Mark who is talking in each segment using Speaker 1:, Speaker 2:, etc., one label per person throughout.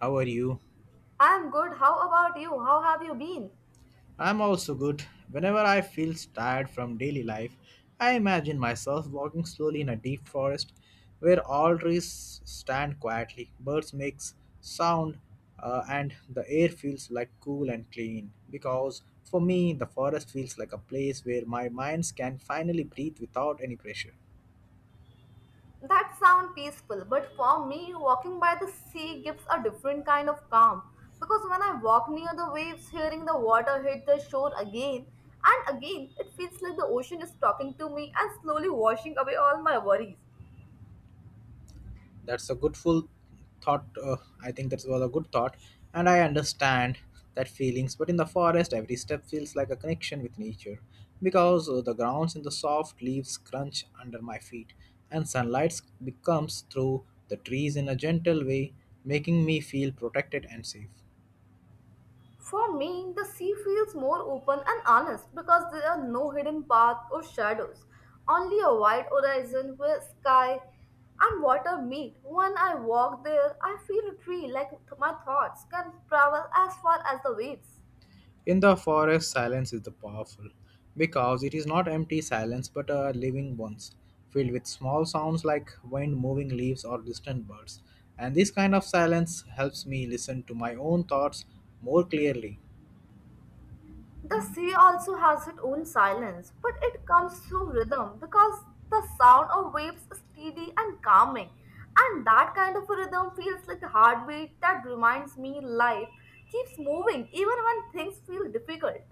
Speaker 1: How are you?
Speaker 2: I'm good. How about you? How have you been?
Speaker 1: I'm also good. Whenever I feel tired from daily life, I imagine myself walking slowly in a deep forest where all trees stand quietly, birds make sound, and the air feels like cool and clean. Because for me, the forest feels like a place where my minds can finally breathe without any pressure.
Speaker 2: That sounds peaceful, but for me, walking by the sea gives a different kind of calm. Because when I walk near the waves, hearing the water hit the shore again and again, it feels like the ocean is talking to me and slowly washing away all my worries.
Speaker 1: That's a good full thought. I think that was a good thought, and I understand that feelings. But in the forest, every step feels like a connection with nature, because the grounds and the soft leaves crunch under my feet, and sunlight becomes through the trees in a gentle way, making me feel protected and safe.
Speaker 2: For me, the sea feels more open and honest because there are no hidden paths or shadows, only a wide horizon where sky and water meet. When I walk there, I feel free like my thoughts can travel as far as the waves.
Speaker 1: In the forest, silence is the powerful because it is not empty silence but a living one, filled with small sounds like wind moving leaves or distant birds. And this kind of silence helps me listen to my own thoughts more clearly.
Speaker 2: The sea also has its own silence, but it comes through rhythm because the sound of waves is steady and calming, and that kind of a rhythm feels like a heartbeat that reminds me life keeps moving even when things feel difficult.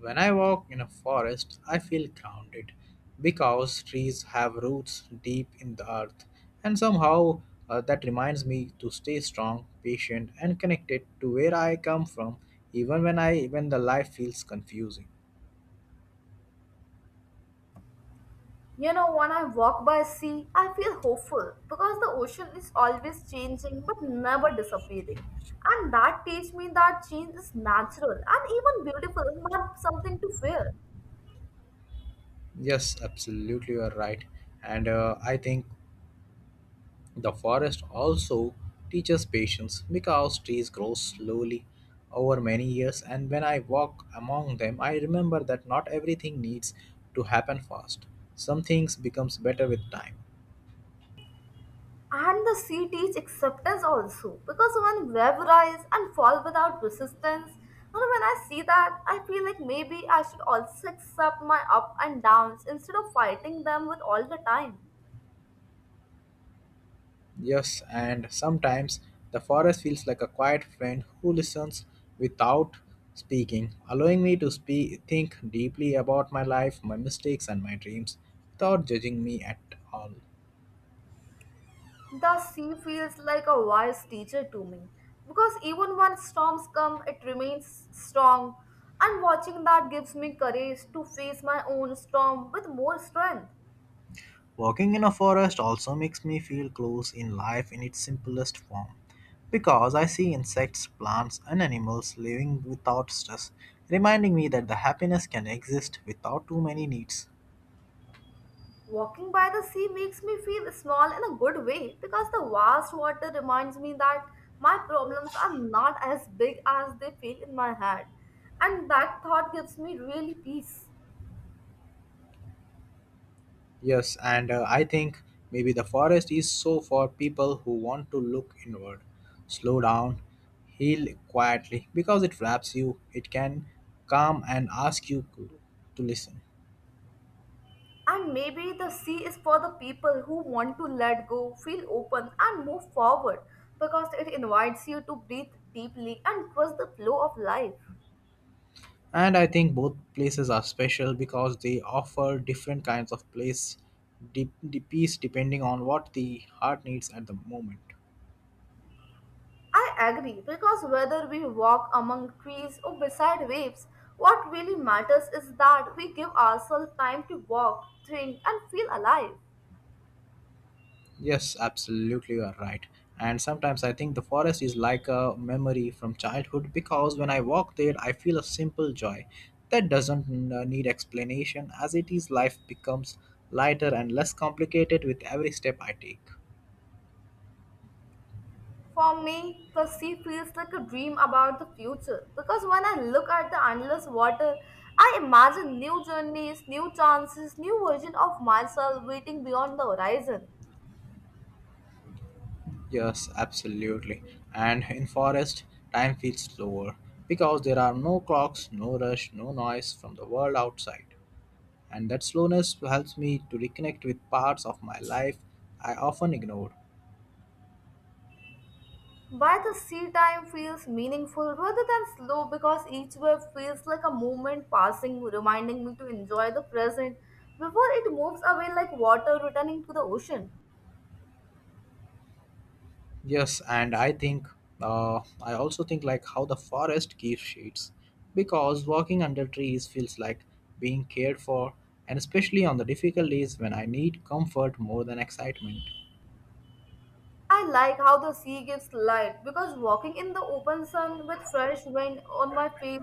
Speaker 1: When I walk in a forest, I feel grounded because trees have roots deep in the earth, and somehow that reminds me to stay strong, patient, and connected to where I come from, even when I when the life feels confusing.
Speaker 2: You know, when I walk by sea, I feel hopeful because the ocean is always changing but never disappearing. And that teaches me that change is natural and even beautiful, not something to fear.
Speaker 1: Yes, absolutely, you are right. And I think the forest also teaches patience because trees grow slowly over many years. And when I walk among them, I remember that not everything needs to happen fast. Some things becomes better with time.
Speaker 2: And the sea teach acceptance also because when web rise and fall without resistance, you know, when I see that, I feel like maybe I should also accept my up and downs instead of fighting them with all the time.
Speaker 1: Yes, and sometimes the forest feels like a quiet friend who listens without speaking, allowing me to speak, think deeply about my life, my mistakes, and my dreams without judging me at all.
Speaker 2: The sea feels like a wise teacher to me because even when storms come, it remains strong, and watching that gives me courage to face my own storm with more strength.
Speaker 1: Walking in a forest also makes me feel close in life in its simplest form because I see insects, plants, and animals living without stress, reminding me that the happiness can exist without too many needs.
Speaker 2: Walking by the sea makes me feel small in a good way because the vast water reminds me that my problems are not as big as they feel in my head. And that thought gives me really peace.
Speaker 1: Yes, and I think maybe the forest is so for people who want to look inward, slow down, heal quietly because it wraps you, it can calm and ask you to listen.
Speaker 2: And maybe the sea is for the people who want to let go, feel open, and move forward because it invites you to breathe deeply and trust the flow of life.
Speaker 1: And I think both places are special because they offer different kinds of place deep, deep peace depending on what the heart needs at the moment.
Speaker 2: I agree because whether we walk among trees or beside waves, what really matters is that we give ourselves time to walk, think, and feel alive.
Speaker 1: Yes, absolutely, you are right. And sometimes I think the forest is like a memory from childhood because when I walk there, I feel a simple joy that doesn't need explanation, as it is, life becomes lighter and less complicated with every step I take.
Speaker 2: For me, the sea feels like a dream about the future because when I look at the endless water, I imagine new journeys, new chances, new version of myself waiting beyond the horizon.
Speaker 1: Yes, absolutely. And in forest, time feels slower because there are no clocks, no rush, no noise from the world outside. And that slowness helps me to reconnect with parts of my life I often ignored.
Speaker 2: By the sea, time feels meaningful rather than slow because each wave feels like a moment passing, reminding me to enjoy the present before it moves away like water returning to the ocean.
Speaker 1: Yes, and I think I also think like how the forest gives shades because walking under trees feels like being cared for, and especially on the difficult days when I need comfort more than excitement.
Speaker 2: I like how the sea gives light because walking in the open sun with fresh wind on my face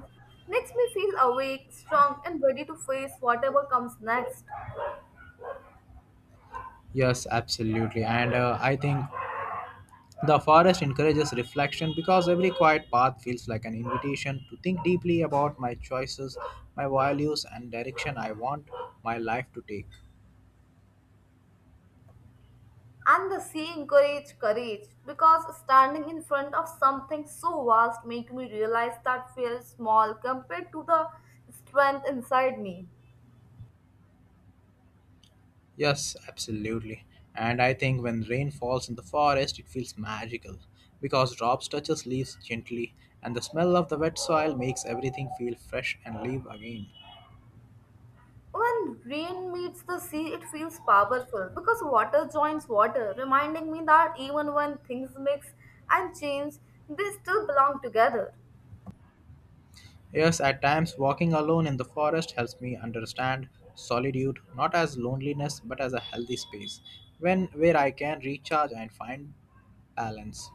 Speaker 2: makes me feel awake, strong, and ready to face whatever comes next.
Speaker 1: Yes, absolutely. And I think the forest encourages reflection because every quiet path feels like an invitation to think deeply about my choices, my values, and direction I want my life to take.
Speaker 2: And the sea encouraged courage because standing in front of something so vast made me realize that feels small compared to the strength inside me.
Speaker 1: Yes, absolutely. And I think when rain falls in the forest, it feels magical because drops touches leaves gently, and the smell of the wet soil makes everything feel fresh and live again.
Speaker 2: When rain meets the sea, it feels powerful because water joins water, reminding me that even when things mix and change, they still belong together.
Speaker 1: Yes, at times walking alone in the forest helps me understand solitude not as loneliness but as a healthy space when where I can recharge and find balance.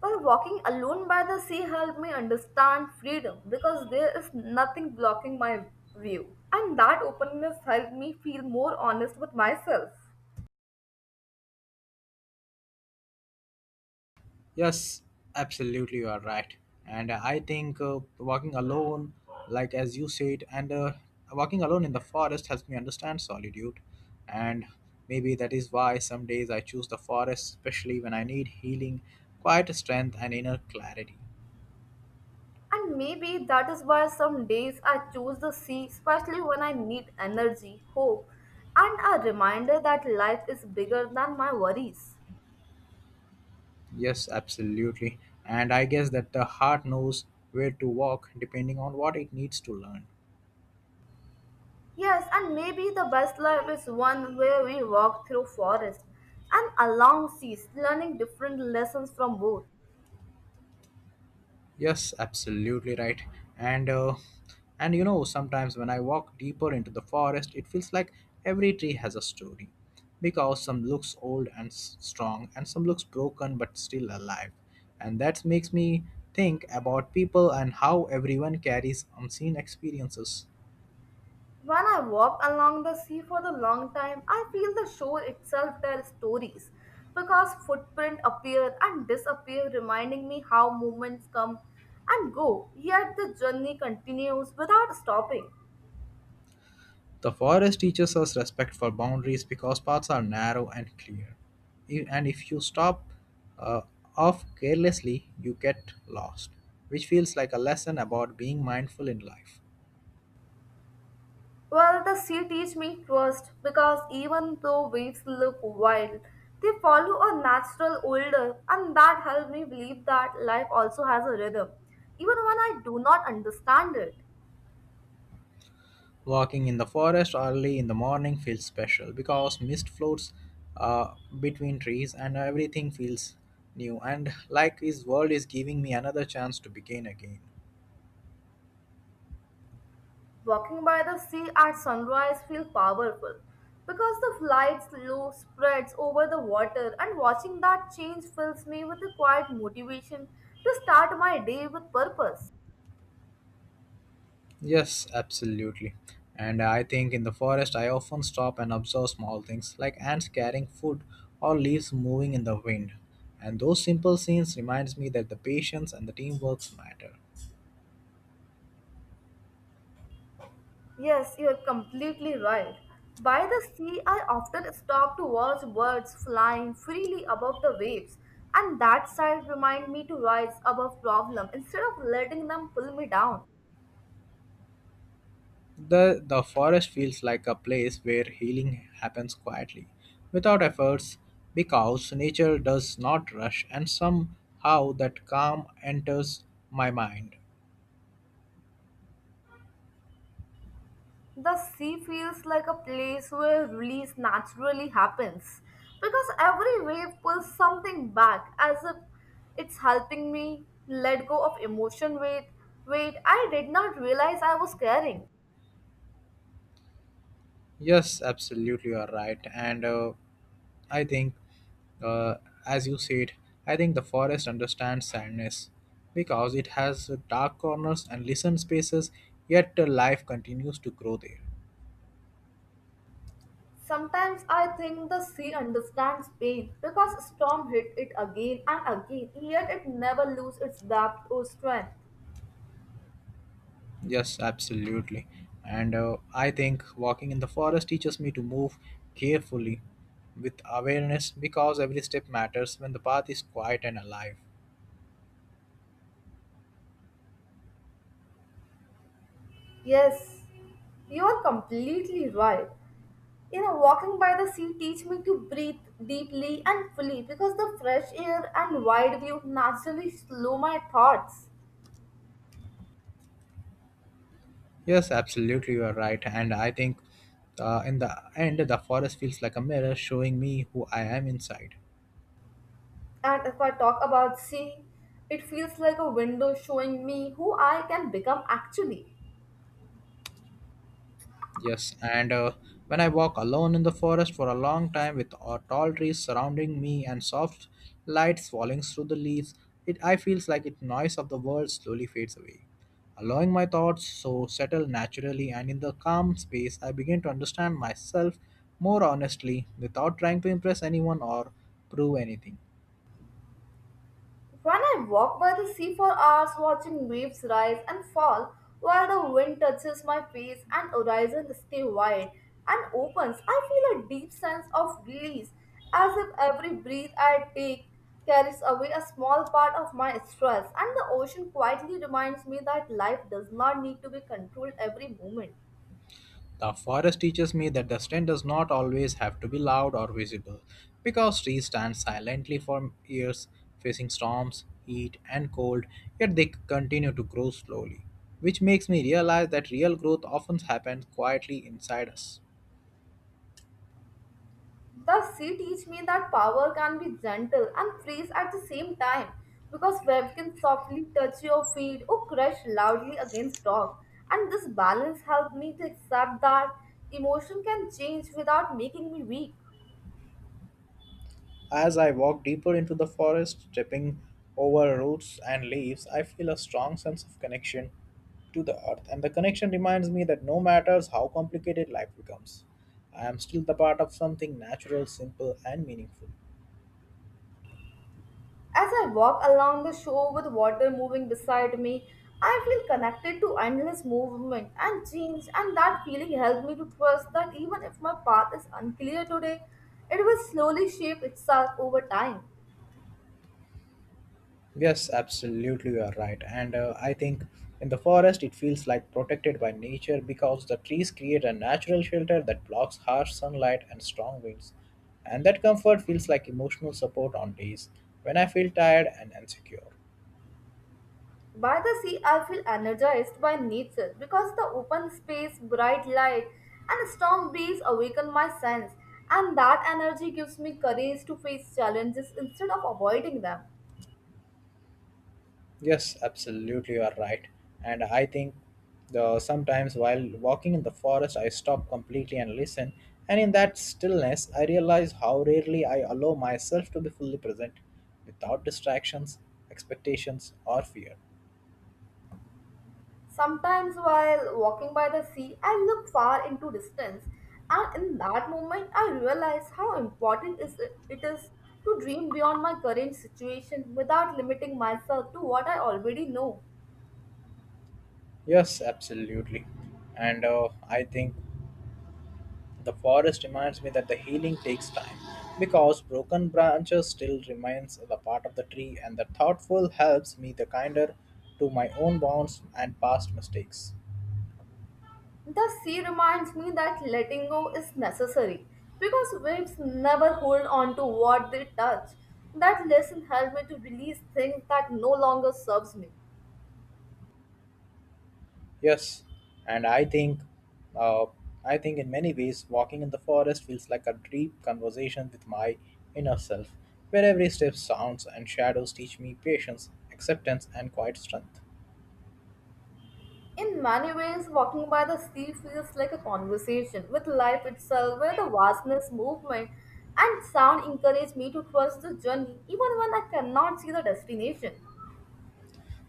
Speaker 2: Well, walking alone by the sea helped me understand freedom because there is nothing blocking my view. And that openness helped me feel more honest with myself.
Speaker 1: Yes, absolutely you are right. And I think walking alone like as you said and walking alone in the forest helps me understand solitude and maybe that is why some days I choose the forest especially when I need healing, quiet strength and inner clarity.
Speaker 2: And maybe that is why some days I choose the sea, especially when I need energy, hope, and a reminder that life is bigger than my worries.
Speaker 1: Yes, absolutely. And I guess that the heart knows where to walk depending on what it needs to learn.
Speaker 2: Yes, and maybe the best life is one where we walk through forests and along seas, learning different lessons from both.
Speaker 1: Yes, absolutely right. And uh, and you know, sometimes when I walk deeper into the forest, it feels like every tree has a story. Because some looks old and strong, and some looks broken but still alive. And that makes me think about people and how everyone carries unseen experiences.
Speaker 2: When I walk along the sea for the long time, I feel the shore itself tell stories because footprints appear and disappear, reminding me how movements come and go, yet the journey continues without stopping.
Speaker 1: The forest teaches us respect for boundaries because paths are narrow and clear. And if you stop uh, off carelessly, you get lost, which feels like a lesson about being mindful in life.
Speaker 2: Well, the sea teach me trust because even though waves look wild, they follow a natural order and that helps me believe that life also has a rhythm, even when I do not understand it.
Speaker 1: Walking in the forest early in the morning feels special because mist floats between trees and everything feels new and like this world is giving me another chance to begin again.
Speaker 2: Walking by the sea at sunrise feels powerful because the light's glow spreads over the water and watching that change fills me with a quiet motivation to start my day with purpose.
Speaker 1: Yes, absolutely. And I think in the forest, I often stop and observe small things like ants carrying food or leaves moving in the wind. And those simple scenes reminds me that the patience and the teamwork matter.
Speaker 2: Yes, you are completely right. By the sea, I often stop to watch birds flying freely above the waves, and that sight reminds me to rise above problems instead of letting them pull me down.
Speaker 1: The forest feels like a place where healing happens quietly, without efforts, because nature does not rush, and somehow that calm enters my mind.
Speaker 2: The sea feels like a place where release naturally happens because every wave pulls something back as if it's helping me let go of emotion weight I did not realize I was carrying.
Speaker 1: Yes, absolutely, you are right. And I think, uh, as you said, I think the forest understands sadness because it has dark corners and listen spaces, yet life continues to grow there.
Speaker 2: Sometimes I think the sea understands pain because storm hit it again and again, yet it never loses its depth or strength.
Speaker 1: Yes, absolutely. And I think walking in the forest teaches me to move carefully with awareness because every step matters when the path is quiet and alive.
Speaker 2: Yes, you are completely right. You know, walking by the sea teach me to breathe deeply and fully because the fresh air and wide view naturally slow my thoughts.
Speaker 1: Yes, absolutely, you are right. And I think in the end, the forest feels like a mirror showing me who I am inside.
Speaker 2: And if I talk about sea, it feels like a window showing me who I can become actually.
Speaker 1: Yes, and when I walk alone in the forest for a long time with tall trees surrounding me and soft lights falling through the leaves, it I feels like it noise of the world slowly fades away, allowing my thoughts so settle naturally. And in the calm space, I begin to understand myself more honestly without trying to impress anyone or prove anything.
Speaker 2: When I walk by the sea for hours watching waves rise and fall while the wind touches my face and horizon stays wide and opens, I feel a deep sense of release as if every breath I take carries away a small part of my stress and the ocean quietly reminds me that life does not need to be controlled every moment.
Speaker 1: The forest teaches me that the strength does not always have to be loud or visible, because trees stand silently for years, facing storms, heat, and cold, yet they continue to grow slowly, which makes me realize that real growth often happens quietly inside us.
Speaker 2: The sea teach me that power can be gentle and frees at the same time because wave can softly touch your feet or crash loudly against rock. And this balance helped me to accept that emotion can change without making me weak.
Speaker 1: As I walk deeper into the forest, tripping over roots and leaves, I feel a strong sense of connection to the earth, and the connection reminds me that no matter how complicated life becomes, I am still the part of something natural, simple, and meaningful.
Speaker 2: As I walk along the shore with water moving beside me, I feel connected to endless movement and change, and that feeling helped me to trust that even if my path is unclear today, it will slowly shape itself over time.
Speaker 1: Yes, absolutely, you are right. And I think in the forest, it feels like protected by nature because the trees create a natural shelter that blocks harsh sunlight and strong winds. And that comfort feels like emotional support on days when I feel tired and insecure.
Speaker 2: By the sea, I feel energized by nature because the open space, bright light, and strong breeze awaken my sense, and that energy gives me courage to face challenges instead of avoiding them.
Speaker 1: Yes, absolutely, you are right. And I think the sometimes while walking in the forest, I stop completely and listen. And in that stillness, I realize how rarely I allow myself to be fully present without distractions, expectations, or fear.
Speaker 2: Sometimes, while walking by the sea, I look far into distance, and in that moment, I realize how important is it is to dream beyond my current situation without limiting myself to what I already know.
Speaker 1: Yes, absolutely. And I think the forest reminds me that the healing takes time because broken branches still remains the part of the tree and the thoughtful helps me the kinder to my own bonds and past mistakes.
Speaker 2: The sea reminds me that letting go is necessary because waves never hold on to what they touch. That lesson helped me to release things that no longer serves me.
Speaker 1: Yes, and I think uh, in many ways walking in the forest feels like a deep conversation with my inner self, where every step sounds and shadows teach me patience, acceptance and quiet strength.
Speaker 2: In many ways, walking by the sea feels like a conversation with life itself, where the vastness, movement, and sound encourage me to trust the journey even when I cannot see the destination.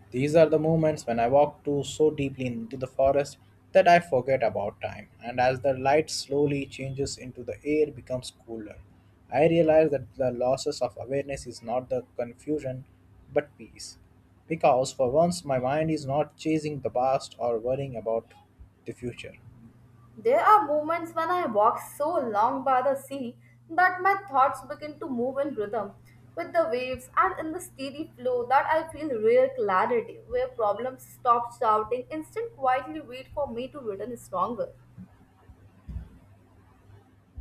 Speaker 1: These are the moments when I walk too so deeply into the forest that I forget about time, and as the light slowly changes into the air becomes cooler, I realize that the losses of awareness is not the confusion but peace. Because for once my mind is not chasing the past or worrying about the future.
Speaker 2: There are moments when I walk so long by the sea that my thoughts begin to move in rhythm with the waves, and in the steady flow that I feel real clarity where problems stop shouting instead quietly wait for me to return stronger.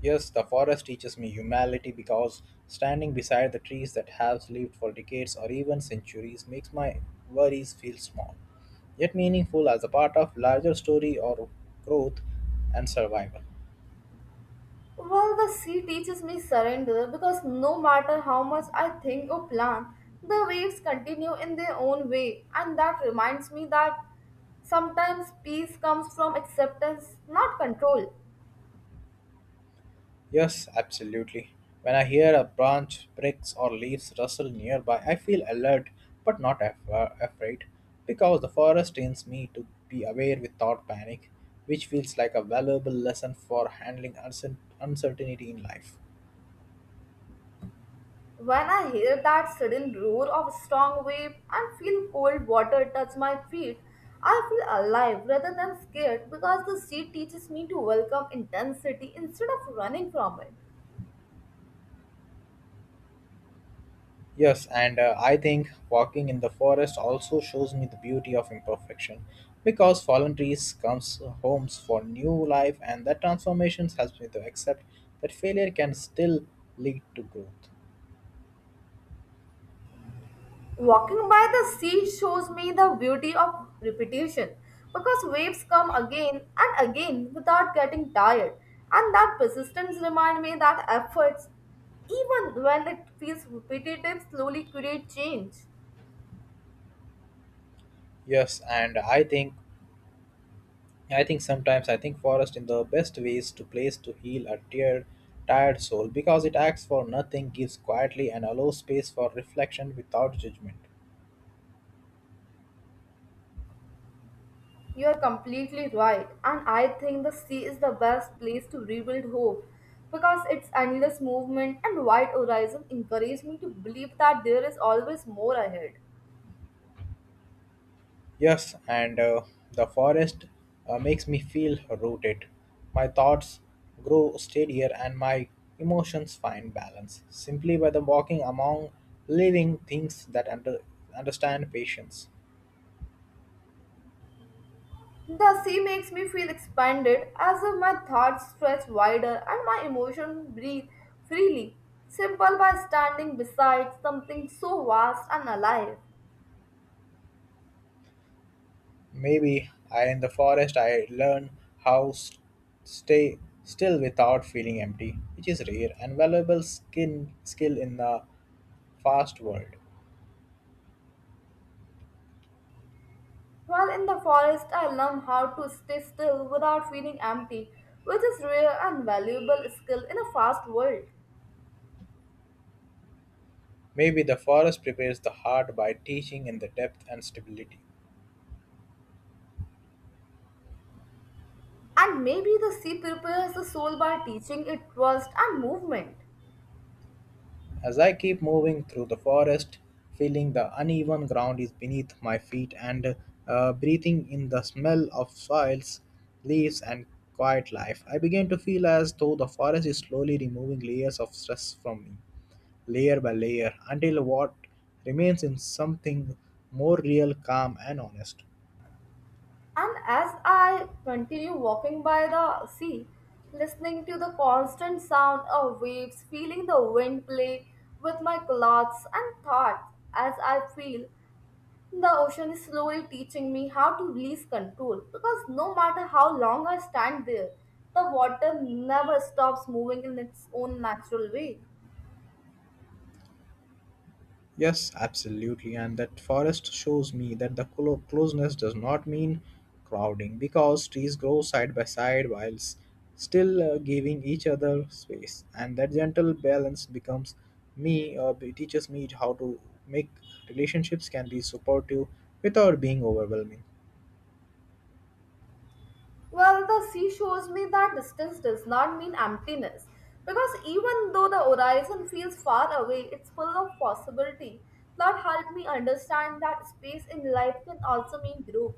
Speaker 1: Yes, the forest teaches me humility because standing beside the trees that have lived for decades or even centuries makes my worries feel small, yet meaningful as a part of larger story or growth and survival.
Speaker 2: Well, the sea teaches me surrender because no matter how much I think or plan, the waves continue in their own way and that reminds me that sometimes peace comes from acceptance, not control.
Speaker 1: Yes, absolutely. When I hear a branch, bricks, or leaves rustle nearby, I feel alert but not afraid because the forest trains me to be aware without panic, which feels like a valuable lesson for handling uncertainty in life.
Speaker 2: When I hear that sudden roar of a strong wave and feel cold water touch my feet, I feel alive rather than scared because the sea teaches me to welcome intensity instead of running from it.
Speaker 1: Yes, and I think walking in the forest also shows me the beauty of imperfection because fallen trees comes homes for new life and that transformation helps me to accept that failure can still lead to growth.
Speaker 2: Walking by the sea shows me the beauty of repetition because waves come again and again without getting tired, and that persistence reminds me that efforts, even when it feels repetitive, slowly create change.
Speaker 1: Yes, and I think sometimes I think forest in the best ways to place to heal a tear tired soul because it acts for nothing, gives quietly and allows space for reflection without judgment.
Speaker 2: You are completely right, and I think the sea is the best place to rebuild hope because its endless movement and wide horizon encourage me to believe that there is always more ahead.
Speaker 1: Yes, and the forest makes me feel rooted. My thoughts grow steadier and my emotions find balance simply by the walking among living things that understand patience.
Speaker 2: The sea makes me feel expanded as if my thoughts stretch wider and my emotions breathe freely, simple by standing beside something so vast and alive.
Speaker 1: Maybe I in the forest I learn how s stay still without feeling empty, which is rare and valuable skin skill in the fast world.
Speaker 2: While in the forest, I learn how to stay still without feeling empty, which is rare and valuable skill in a fast world.
Speaker 1: Maybe the forest prepares the heart by teaching in the depth and stability.
Speaker 2: And maybe the sea prepares the soul by teaching it trust and movement.
Speaker 1: As I keep moving through the forest, feeling the uneven ground is beneath my feet and breathing in the smell of soils, leaves, and quiet life, I begin to feel as though the forest is slowly removing layers of stress from me, layer by layer, until what remains in something more real, calm, and honest.
Speaker 2: And as I continue walking by the sea, listening to the constant sound of waves, feeling the wind play with my clothes and thoughts, as I feel the ocean is slowly teaching me how to release control. Because no matter how long I stand there, the water never stops moving in its own natural way.
Speaker 1: Yes, absolutely. And that forest shows me that the closeness does not mean crowding because trees grow side by side while still giving each other space. And that gentle balance becomes me, teaches me how to make relationships can be supportive without being overwhelming.
Speaker 2: Well, the sea shows me that distance does not mean emptiness. Because even though the horizon feels far away, it's full of possibility that helped me understand that space in life can also mean growth.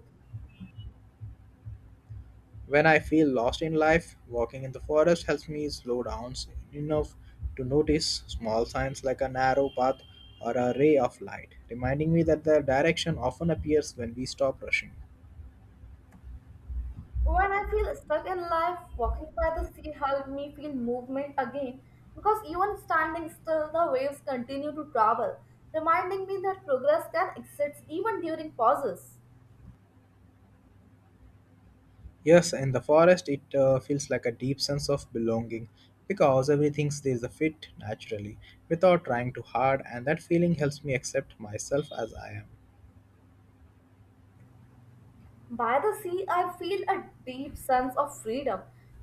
Speaker 1: When I feel lost in life, walking in the forest helps me slow down enough to notice small signs like a narrow path or a ray of light, reminding me that the direction often appears when we stop rushing.
Speaker 2: When I feel stuck in life, walking by the sea helped me feel movement again because even standing still, the waves continue to travel, reminding me that progress can exist even during pauses.
Speaker 1: Yes, in the forest, it feels like a deep sense of belonging because everything stays a fit naturally without trying too hard, and that feeling helps me accept myself as I am.
Speaker 2: By the sea, I feel a deep sense of freedom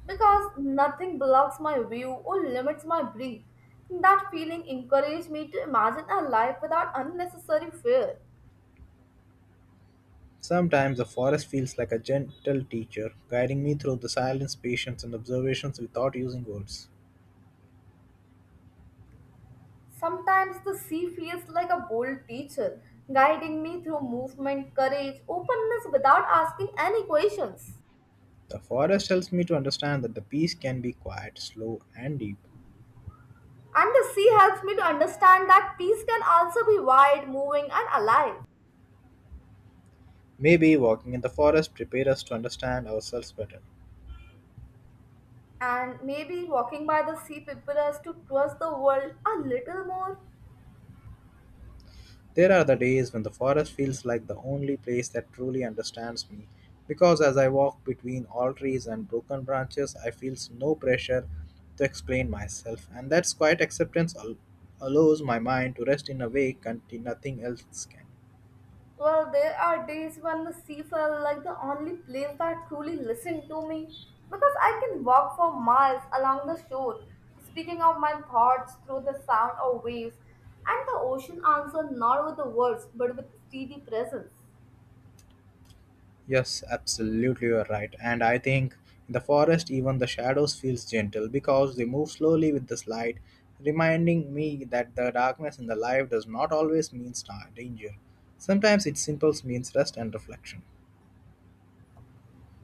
Speaker 2: because nothing blocks my view or limits my breath. That feeling encourages me to imagine a life without unnecessary fear.
Speaker 1: Sometimes the forest feels like a gentle teacher, guiding me through the silence, patience, and observations without using words.
Speaker 2: Sometimes the sea feels like a bold teacher, guiding me through movement, courage, openness without asking any questions.
Speaker 1: The forest helps me to understand that the peace can be quiet, slow, and deep.
Speaker 2: And the sea helps me to understand that peace can also be wide, moving, and alive.
Speaker 1: Maybe walking in the forest prepares us to understand ourselves better.
Speaker 2: And maybe walking by the sea prepares us to trust the world a little more.
Speaker 1: There are the days when the forest feels like the only place that truly understands me, because as I walk between all trees and broken branches, I feel no pressure to explain myself, and that quiet acceptance allows my mind to rest in a way nothing else can.
Speaker 2: Well, there are days when the sea felt like the only place that truly listened to me, because I can walk for miles along the shore, speaking out my thoughts through the sound of waves, and the ocean answers not with the words but with steady presence.
Speaker 1: Yes, absolutely, you're right. And I think in the forest, even the shadows feels gentle because they move slowly with the light, reminding me that the darkness in the life does not always mean star danger. Sometimes it simply means rest and reflection.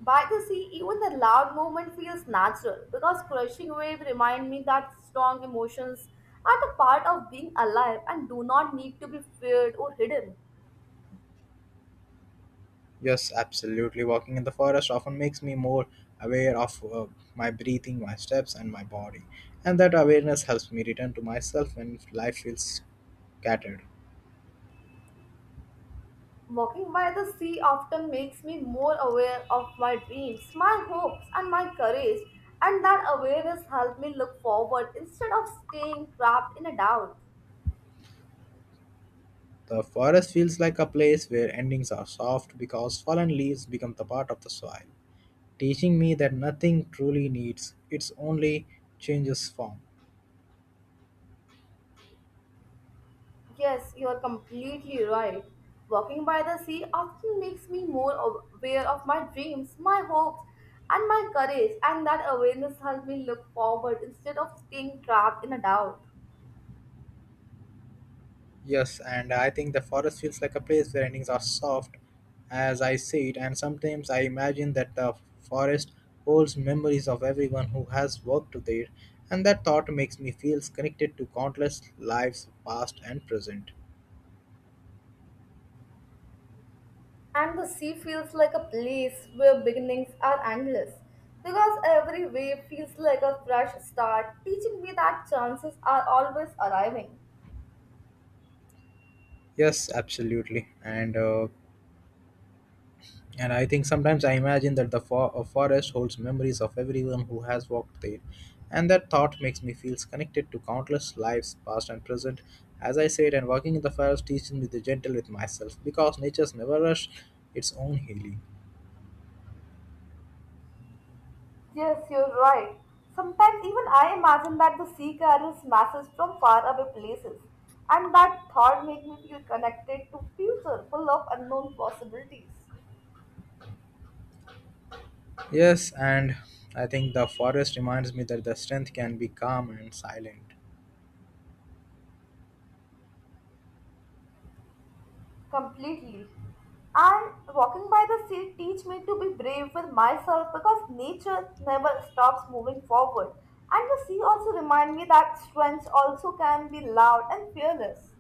Speaker 2: By the sea, even the loud movement feels natural, because crushing waves remind me that strong emotions are the part of being alive and do not need to be feared or hidden.
Speaker 1: Yes, absolutely. Walking in the forest often makes me more aware of my breathing, my steps, and my body, and that awareness helps me return to myself when life feels scattered.
Speaker 2: Walking by the sea often makes me more aware of my dreams, my hopes, and my courage, and that awareness helps me look forward instead of staying trapped in a doubt.
Speaker 1: The forest feels like a place where endings are soft because fallen leaves become the part of the soil, teaching me that nothing truly needs, its only changes form.
Speaker 2: Yes, you are completely right. Walking by the sea often makes me more aware of my dreams, my hopes, and my courage, and that awareness helps me look forward instead of staying trapped in a doubt.
Speaker 1: Yes, and I think the forest feels like a place where endings are soft as I see it, and sometimes I imagine that the forest holds memories of everyone who has worked there, and that thought makes me feel connected to countless lives past and present.
Speaker 2: And the sea feels like a place where beginnings are endless, because every wave feels like a fresh start, teaching me that chances are always arriving.
Speaker 1: Yes, absolutely. And I think sometimes I imagine that the a forest holds memories of everyone who has walked there. And that thought makes me feel connected to countless lives, past and present. As I said, and walking in the forest teaches me to be gentle with myself because nature's never rush its own healing.
Speaker 2: Yes, you're right. Sometimes even I imagine that the sea carries messages from far away places, and that thought makes me feel connected to future full of unknown possibilities.
Speaker 1: Yes, and I think the forest reminds me that the strength can be calm and silent.
Speaker 2: Completely. And walking by the sea teach me to be brave with myself, because nature never stops moving forward. And the sea also remind me that strength also can be loud and fearless.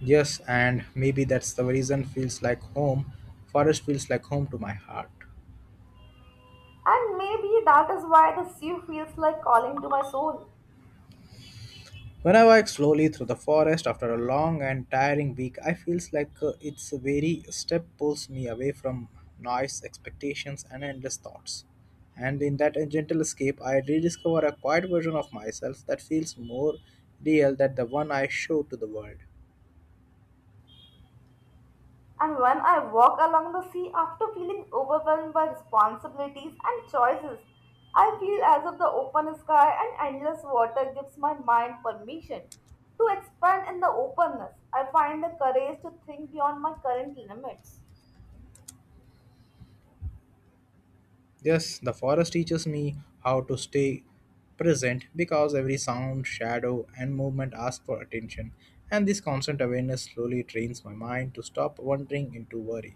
Speaker 1: Yes, and maybe that's the reason feels like home. Forest feels like home to my heart.
Speaker 2: And maybe that is why the sea feels like calling to my soul.
Speaker 1: When I walk slowly through the forest after a long and tiring week, I feels like its very step pulls me away from noise, expectations, and endless thoughts. And in that gentle escape, I rediscover a quiet version of myself that feels more real than the one I show to the world.
Speaker 2: And when I walk along the sea after feeling overwhelmed by responsibilities and choices, I feel as if the open sky and endless water gives my mind permission to expand in the openness. I find the courage to think beyond my current limits.
Speaker 1: Yes, the forest teaches me how to stay present because every sound, shadow, and movement ask for attention, and this constant awareness slowly trains my mind to stop wandering into worry.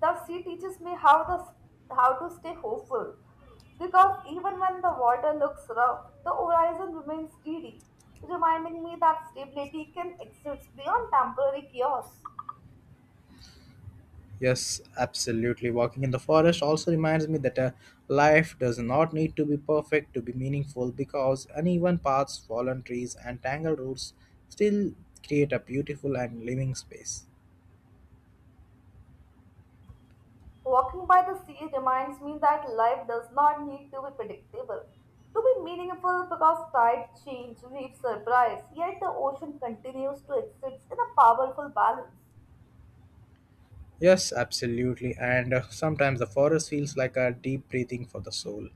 Speaker 2: The sea teaches me how the how to stay hopeful, because even when the water looks rough, the horizon remains steady, reminding me that stability can exist beyond temporary chaos.
Speaker 1: Yes, absolutely. Walking in the forest also reminds me that life does not need to be perfect to be meaningful because uneven paths, fallen trees, and tangled roots still create a beautiful and living space.
Speaker 2: Walking by the sea reminds me that life does not need to be predictable to be meaningful, because tides change, waves surprise, yet the ocean continues to exist in a powerful balance.
Speaker 1: Yes, absolutely. And Sometimes the forest feels like a deep breathing for the soul,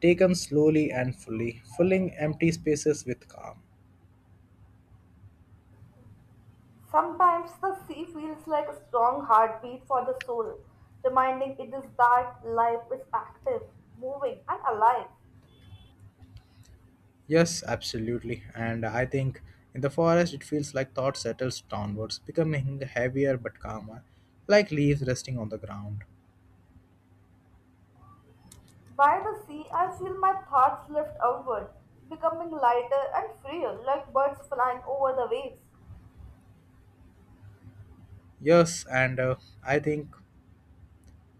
Speaker 1: taken slowly and fully, filling empty spaces with calm.
Speaker 2: Sometimes the sea feels like a strong heartbeat for the soul, reminding it is that life is active, moving, and alive.
Speaker 1: Yes, absolutely. And I think in the forest it feels like thought settles downwards, becoming heavier but calmer, like leaves resting on the ground.
Speaker 2: By the sea, I feel my thoughts lift outward, becoming lighter and freer like birds flying over the waves.
Speaker 1: Yes, and I think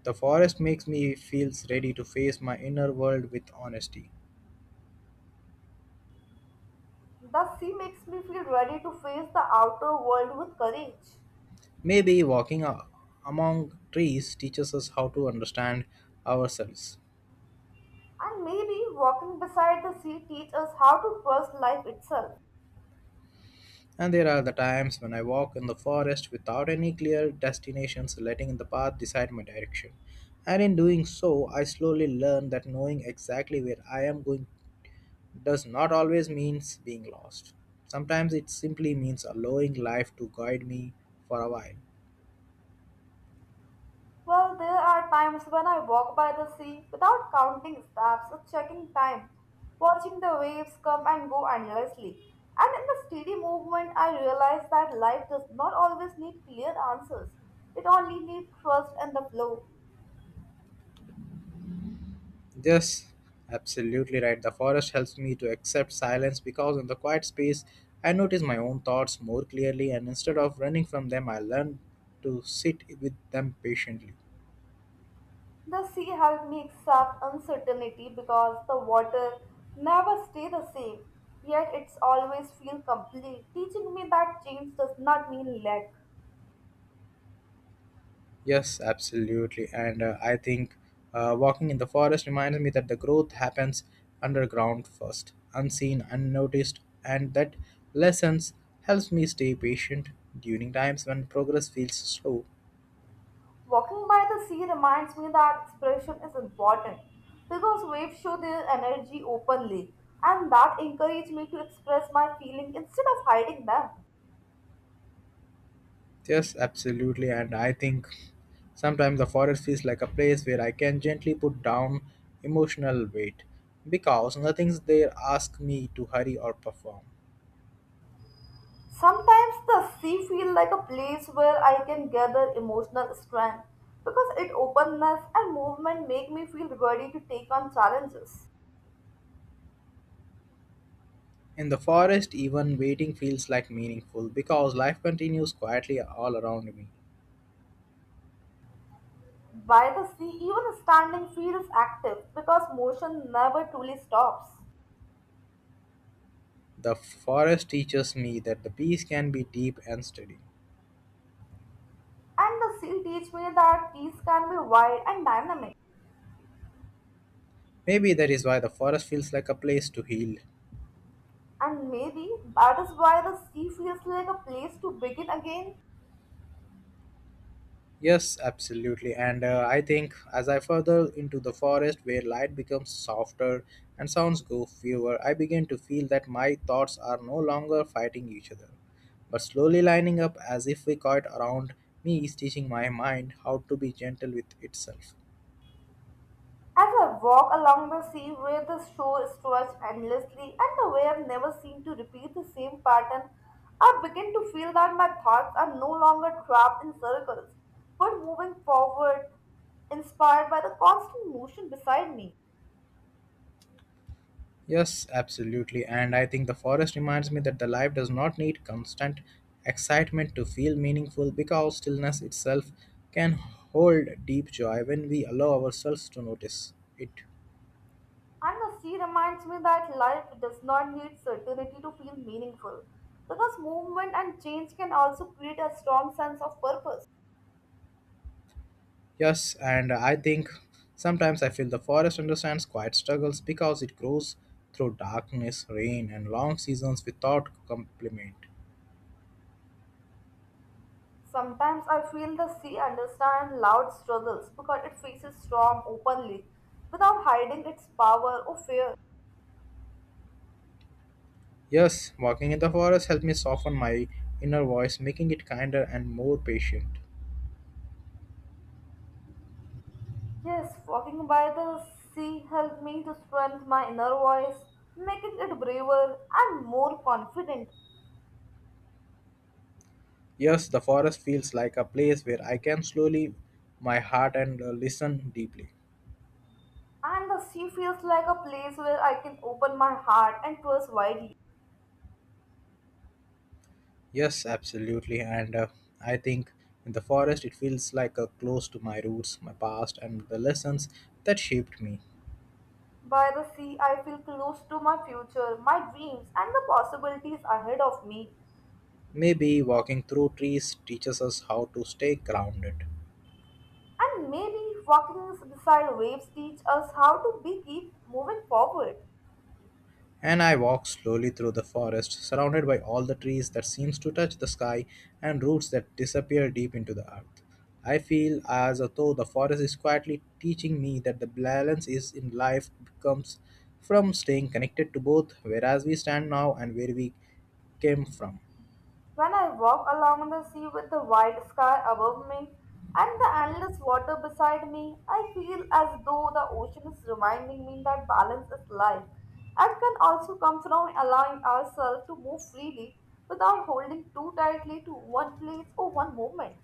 Speaker 1: the forest makes me feels ready to face my inner world with honesty.
Speaker 2: The sea makes me feel ready to face the outer world with courage.
Speaker 1: Maybe walking among trees teaches us how to understand ourselves.
Speaker 2: And maybe walking beside the sea teaches us how to trust life itself.
Speaker 1: And there are the times when I walk in the forest without any clear destinations, letting the path decide my direction. And in doing so, I slowly learn that knowing exactly where I am going does not always means being lost. Sometimes it simply means allowing life to guide me for a while.
Speaker 2: Well, there are times when I walk by the sea without counting steps or checking time, watching the waves come and go endlessly. And in the steady movement, I realize that life does not always need clear answers. It only needs trust and the flow.
Speaker 1: Yes, absolutely right. The forest helps me to accept silence because in the quiet space, I notice my own thoughts more clearly, and instead of running from them, I learn to sit with them patiently.
Speaker 2: The sea helped me accept uncertainty, because the water never stay the same, yet it's always feel complete, teaching me that change does not mean lack.
Speaker 1: Yes, absolutely. And I think walking in the forest reminds me that the growth happens underground first, unseen, unnoticed, and that lessons helps me stay patient during times when progress feels slow.
Speaker 2: Walking by the sea reminds me that expression is important, because waves show their energy openly, and that encouraged me to express my feeling instead of hiding them.
Speaker 1: Yes, absolutely. And I think sometimes the forest feels like a place where I can gently put down emotional weight because nothing's there ask me to hurry or perform.
Speaker 2: Sometimes the sea feels like a place where I can gather emotional strength, because its openness and movement make me feel ready to take on challenges.
Speaker 1: In the forest, even waiting feels like meaningful because life continues quietly all around me.
Speaker 2: By the sea, even standing feels active, because motion never truly stops.
Speaker 1: The forest teaches me that the peace can be deep and steady.
Speaker 2: And the sea teach me that peace can be wide and dynamic.
Speaker 1: Maybe that is why the forest feels like a place to heal.
Speaker 2: And maybe that is why the sea feels like a place to begin again.
Speaker 1: Yes, absolutely. And I think as I further into the forest where light becomes softer and sounds go fewer, I begin to feel that my thoughts are no longer fighting each other, but slowly lining up as if we caught around me is teaching my mind how to be gentle with itself.
Speaker 2: As I walk along the sea where the shore stretches endlessly and the waves never seem to repeat the same pattern, I begin to feel that my thoughts are no longer trapped in circles but moving forward, inspired by the constant motion beside me.
Speaker 1: Yes, absolutely. And I think the forest reminds me that the life does not need constant excitement to feel meaningful because stillness itself can hold deep joy when we allow ourselves to notice it.
Speaker 2: And the sea reminds me that life does not need certainty to feel meaningful, because movement and change can also create a strong sense of purpose.
Speaker 1: Yes, and I think sometimes I feel the forest understands quiet struggles because it grows through darkness, rain, and long seasons without compliment.
Speaker 2: Sometimes I feel the sea understands loud struggles, because it faces storm openly without hiding its power or fear.
Speaker 1: Yes, walking in the forest helped me soften my inner voice, making it kinder and more patient.
Speaker 2: Yes, walking by the sea helped me to strengthen my inner voice, making it braver and more confident.
Speaker 1: Yes, the forest feels like a place where I can slowly my heart and listen deeply.
Speaker 2: And the sea feels like a place where I can open my heart and trust widely.
Speaker 1: Yes, absolutely. And I think in the forest it feels like a close to my roots, my past, and the lessons that shaped me.
Speaker 2: By the sea, I feel close to my future, my dreams, and the possibilities ahead of me.
Speaker 1: Maybe walking through trees teaches us how to stay grounded.
Speaker 2: And maybe walking beside waves teach us how to be keep moving forward.
Speaker 1: And I walked slowly through the forest, surrounded by all the trees that seems to touch the sky and roots that disappear deep into the earth. I feel as though the forest is quietly teaching me that the balance is in life comes from staying connected to both whereas we stand now and where we came from.
Speaker 2: When I walk along the sea with the wide sky above me and the endless water beside me, I feel as though the ocean is reminding me that balance is life and can also come from allowing ourselves to move freely without holding too tightly to one place or one moment.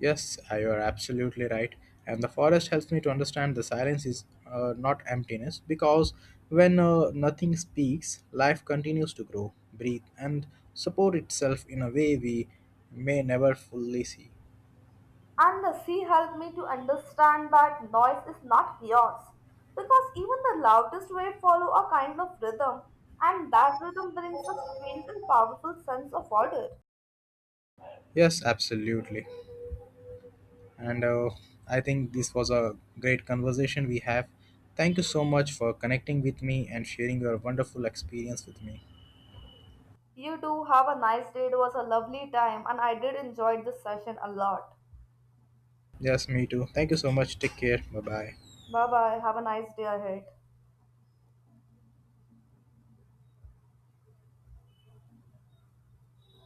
Speaker 1: Yes, you are absolutely right. And the forest helps me to understand the silence is not emptiness because when nothing speaks, life continues to grow, breathe, and support itself in a way we may never fully see.
Speaker 2: And the sea helped me to understand that noise is not chaos, because even the loudest waves follow a kind of rhythm, and that rhythm brings a strange and powerful sense of order.
Speaker 1: Yes, absolutely. And I think this was a great conversation we have. Thank you so much for connecting with me and sharing your wonderful experience with me.
Speaker 2: You do have a nice day. It was a lovely time, and I did enjoy this session a lot.
Speaker 1: Yes, me too. Thank you so much. Take care. Bye bye.
Speaker 2: Bye bye. Have a nice day ahead.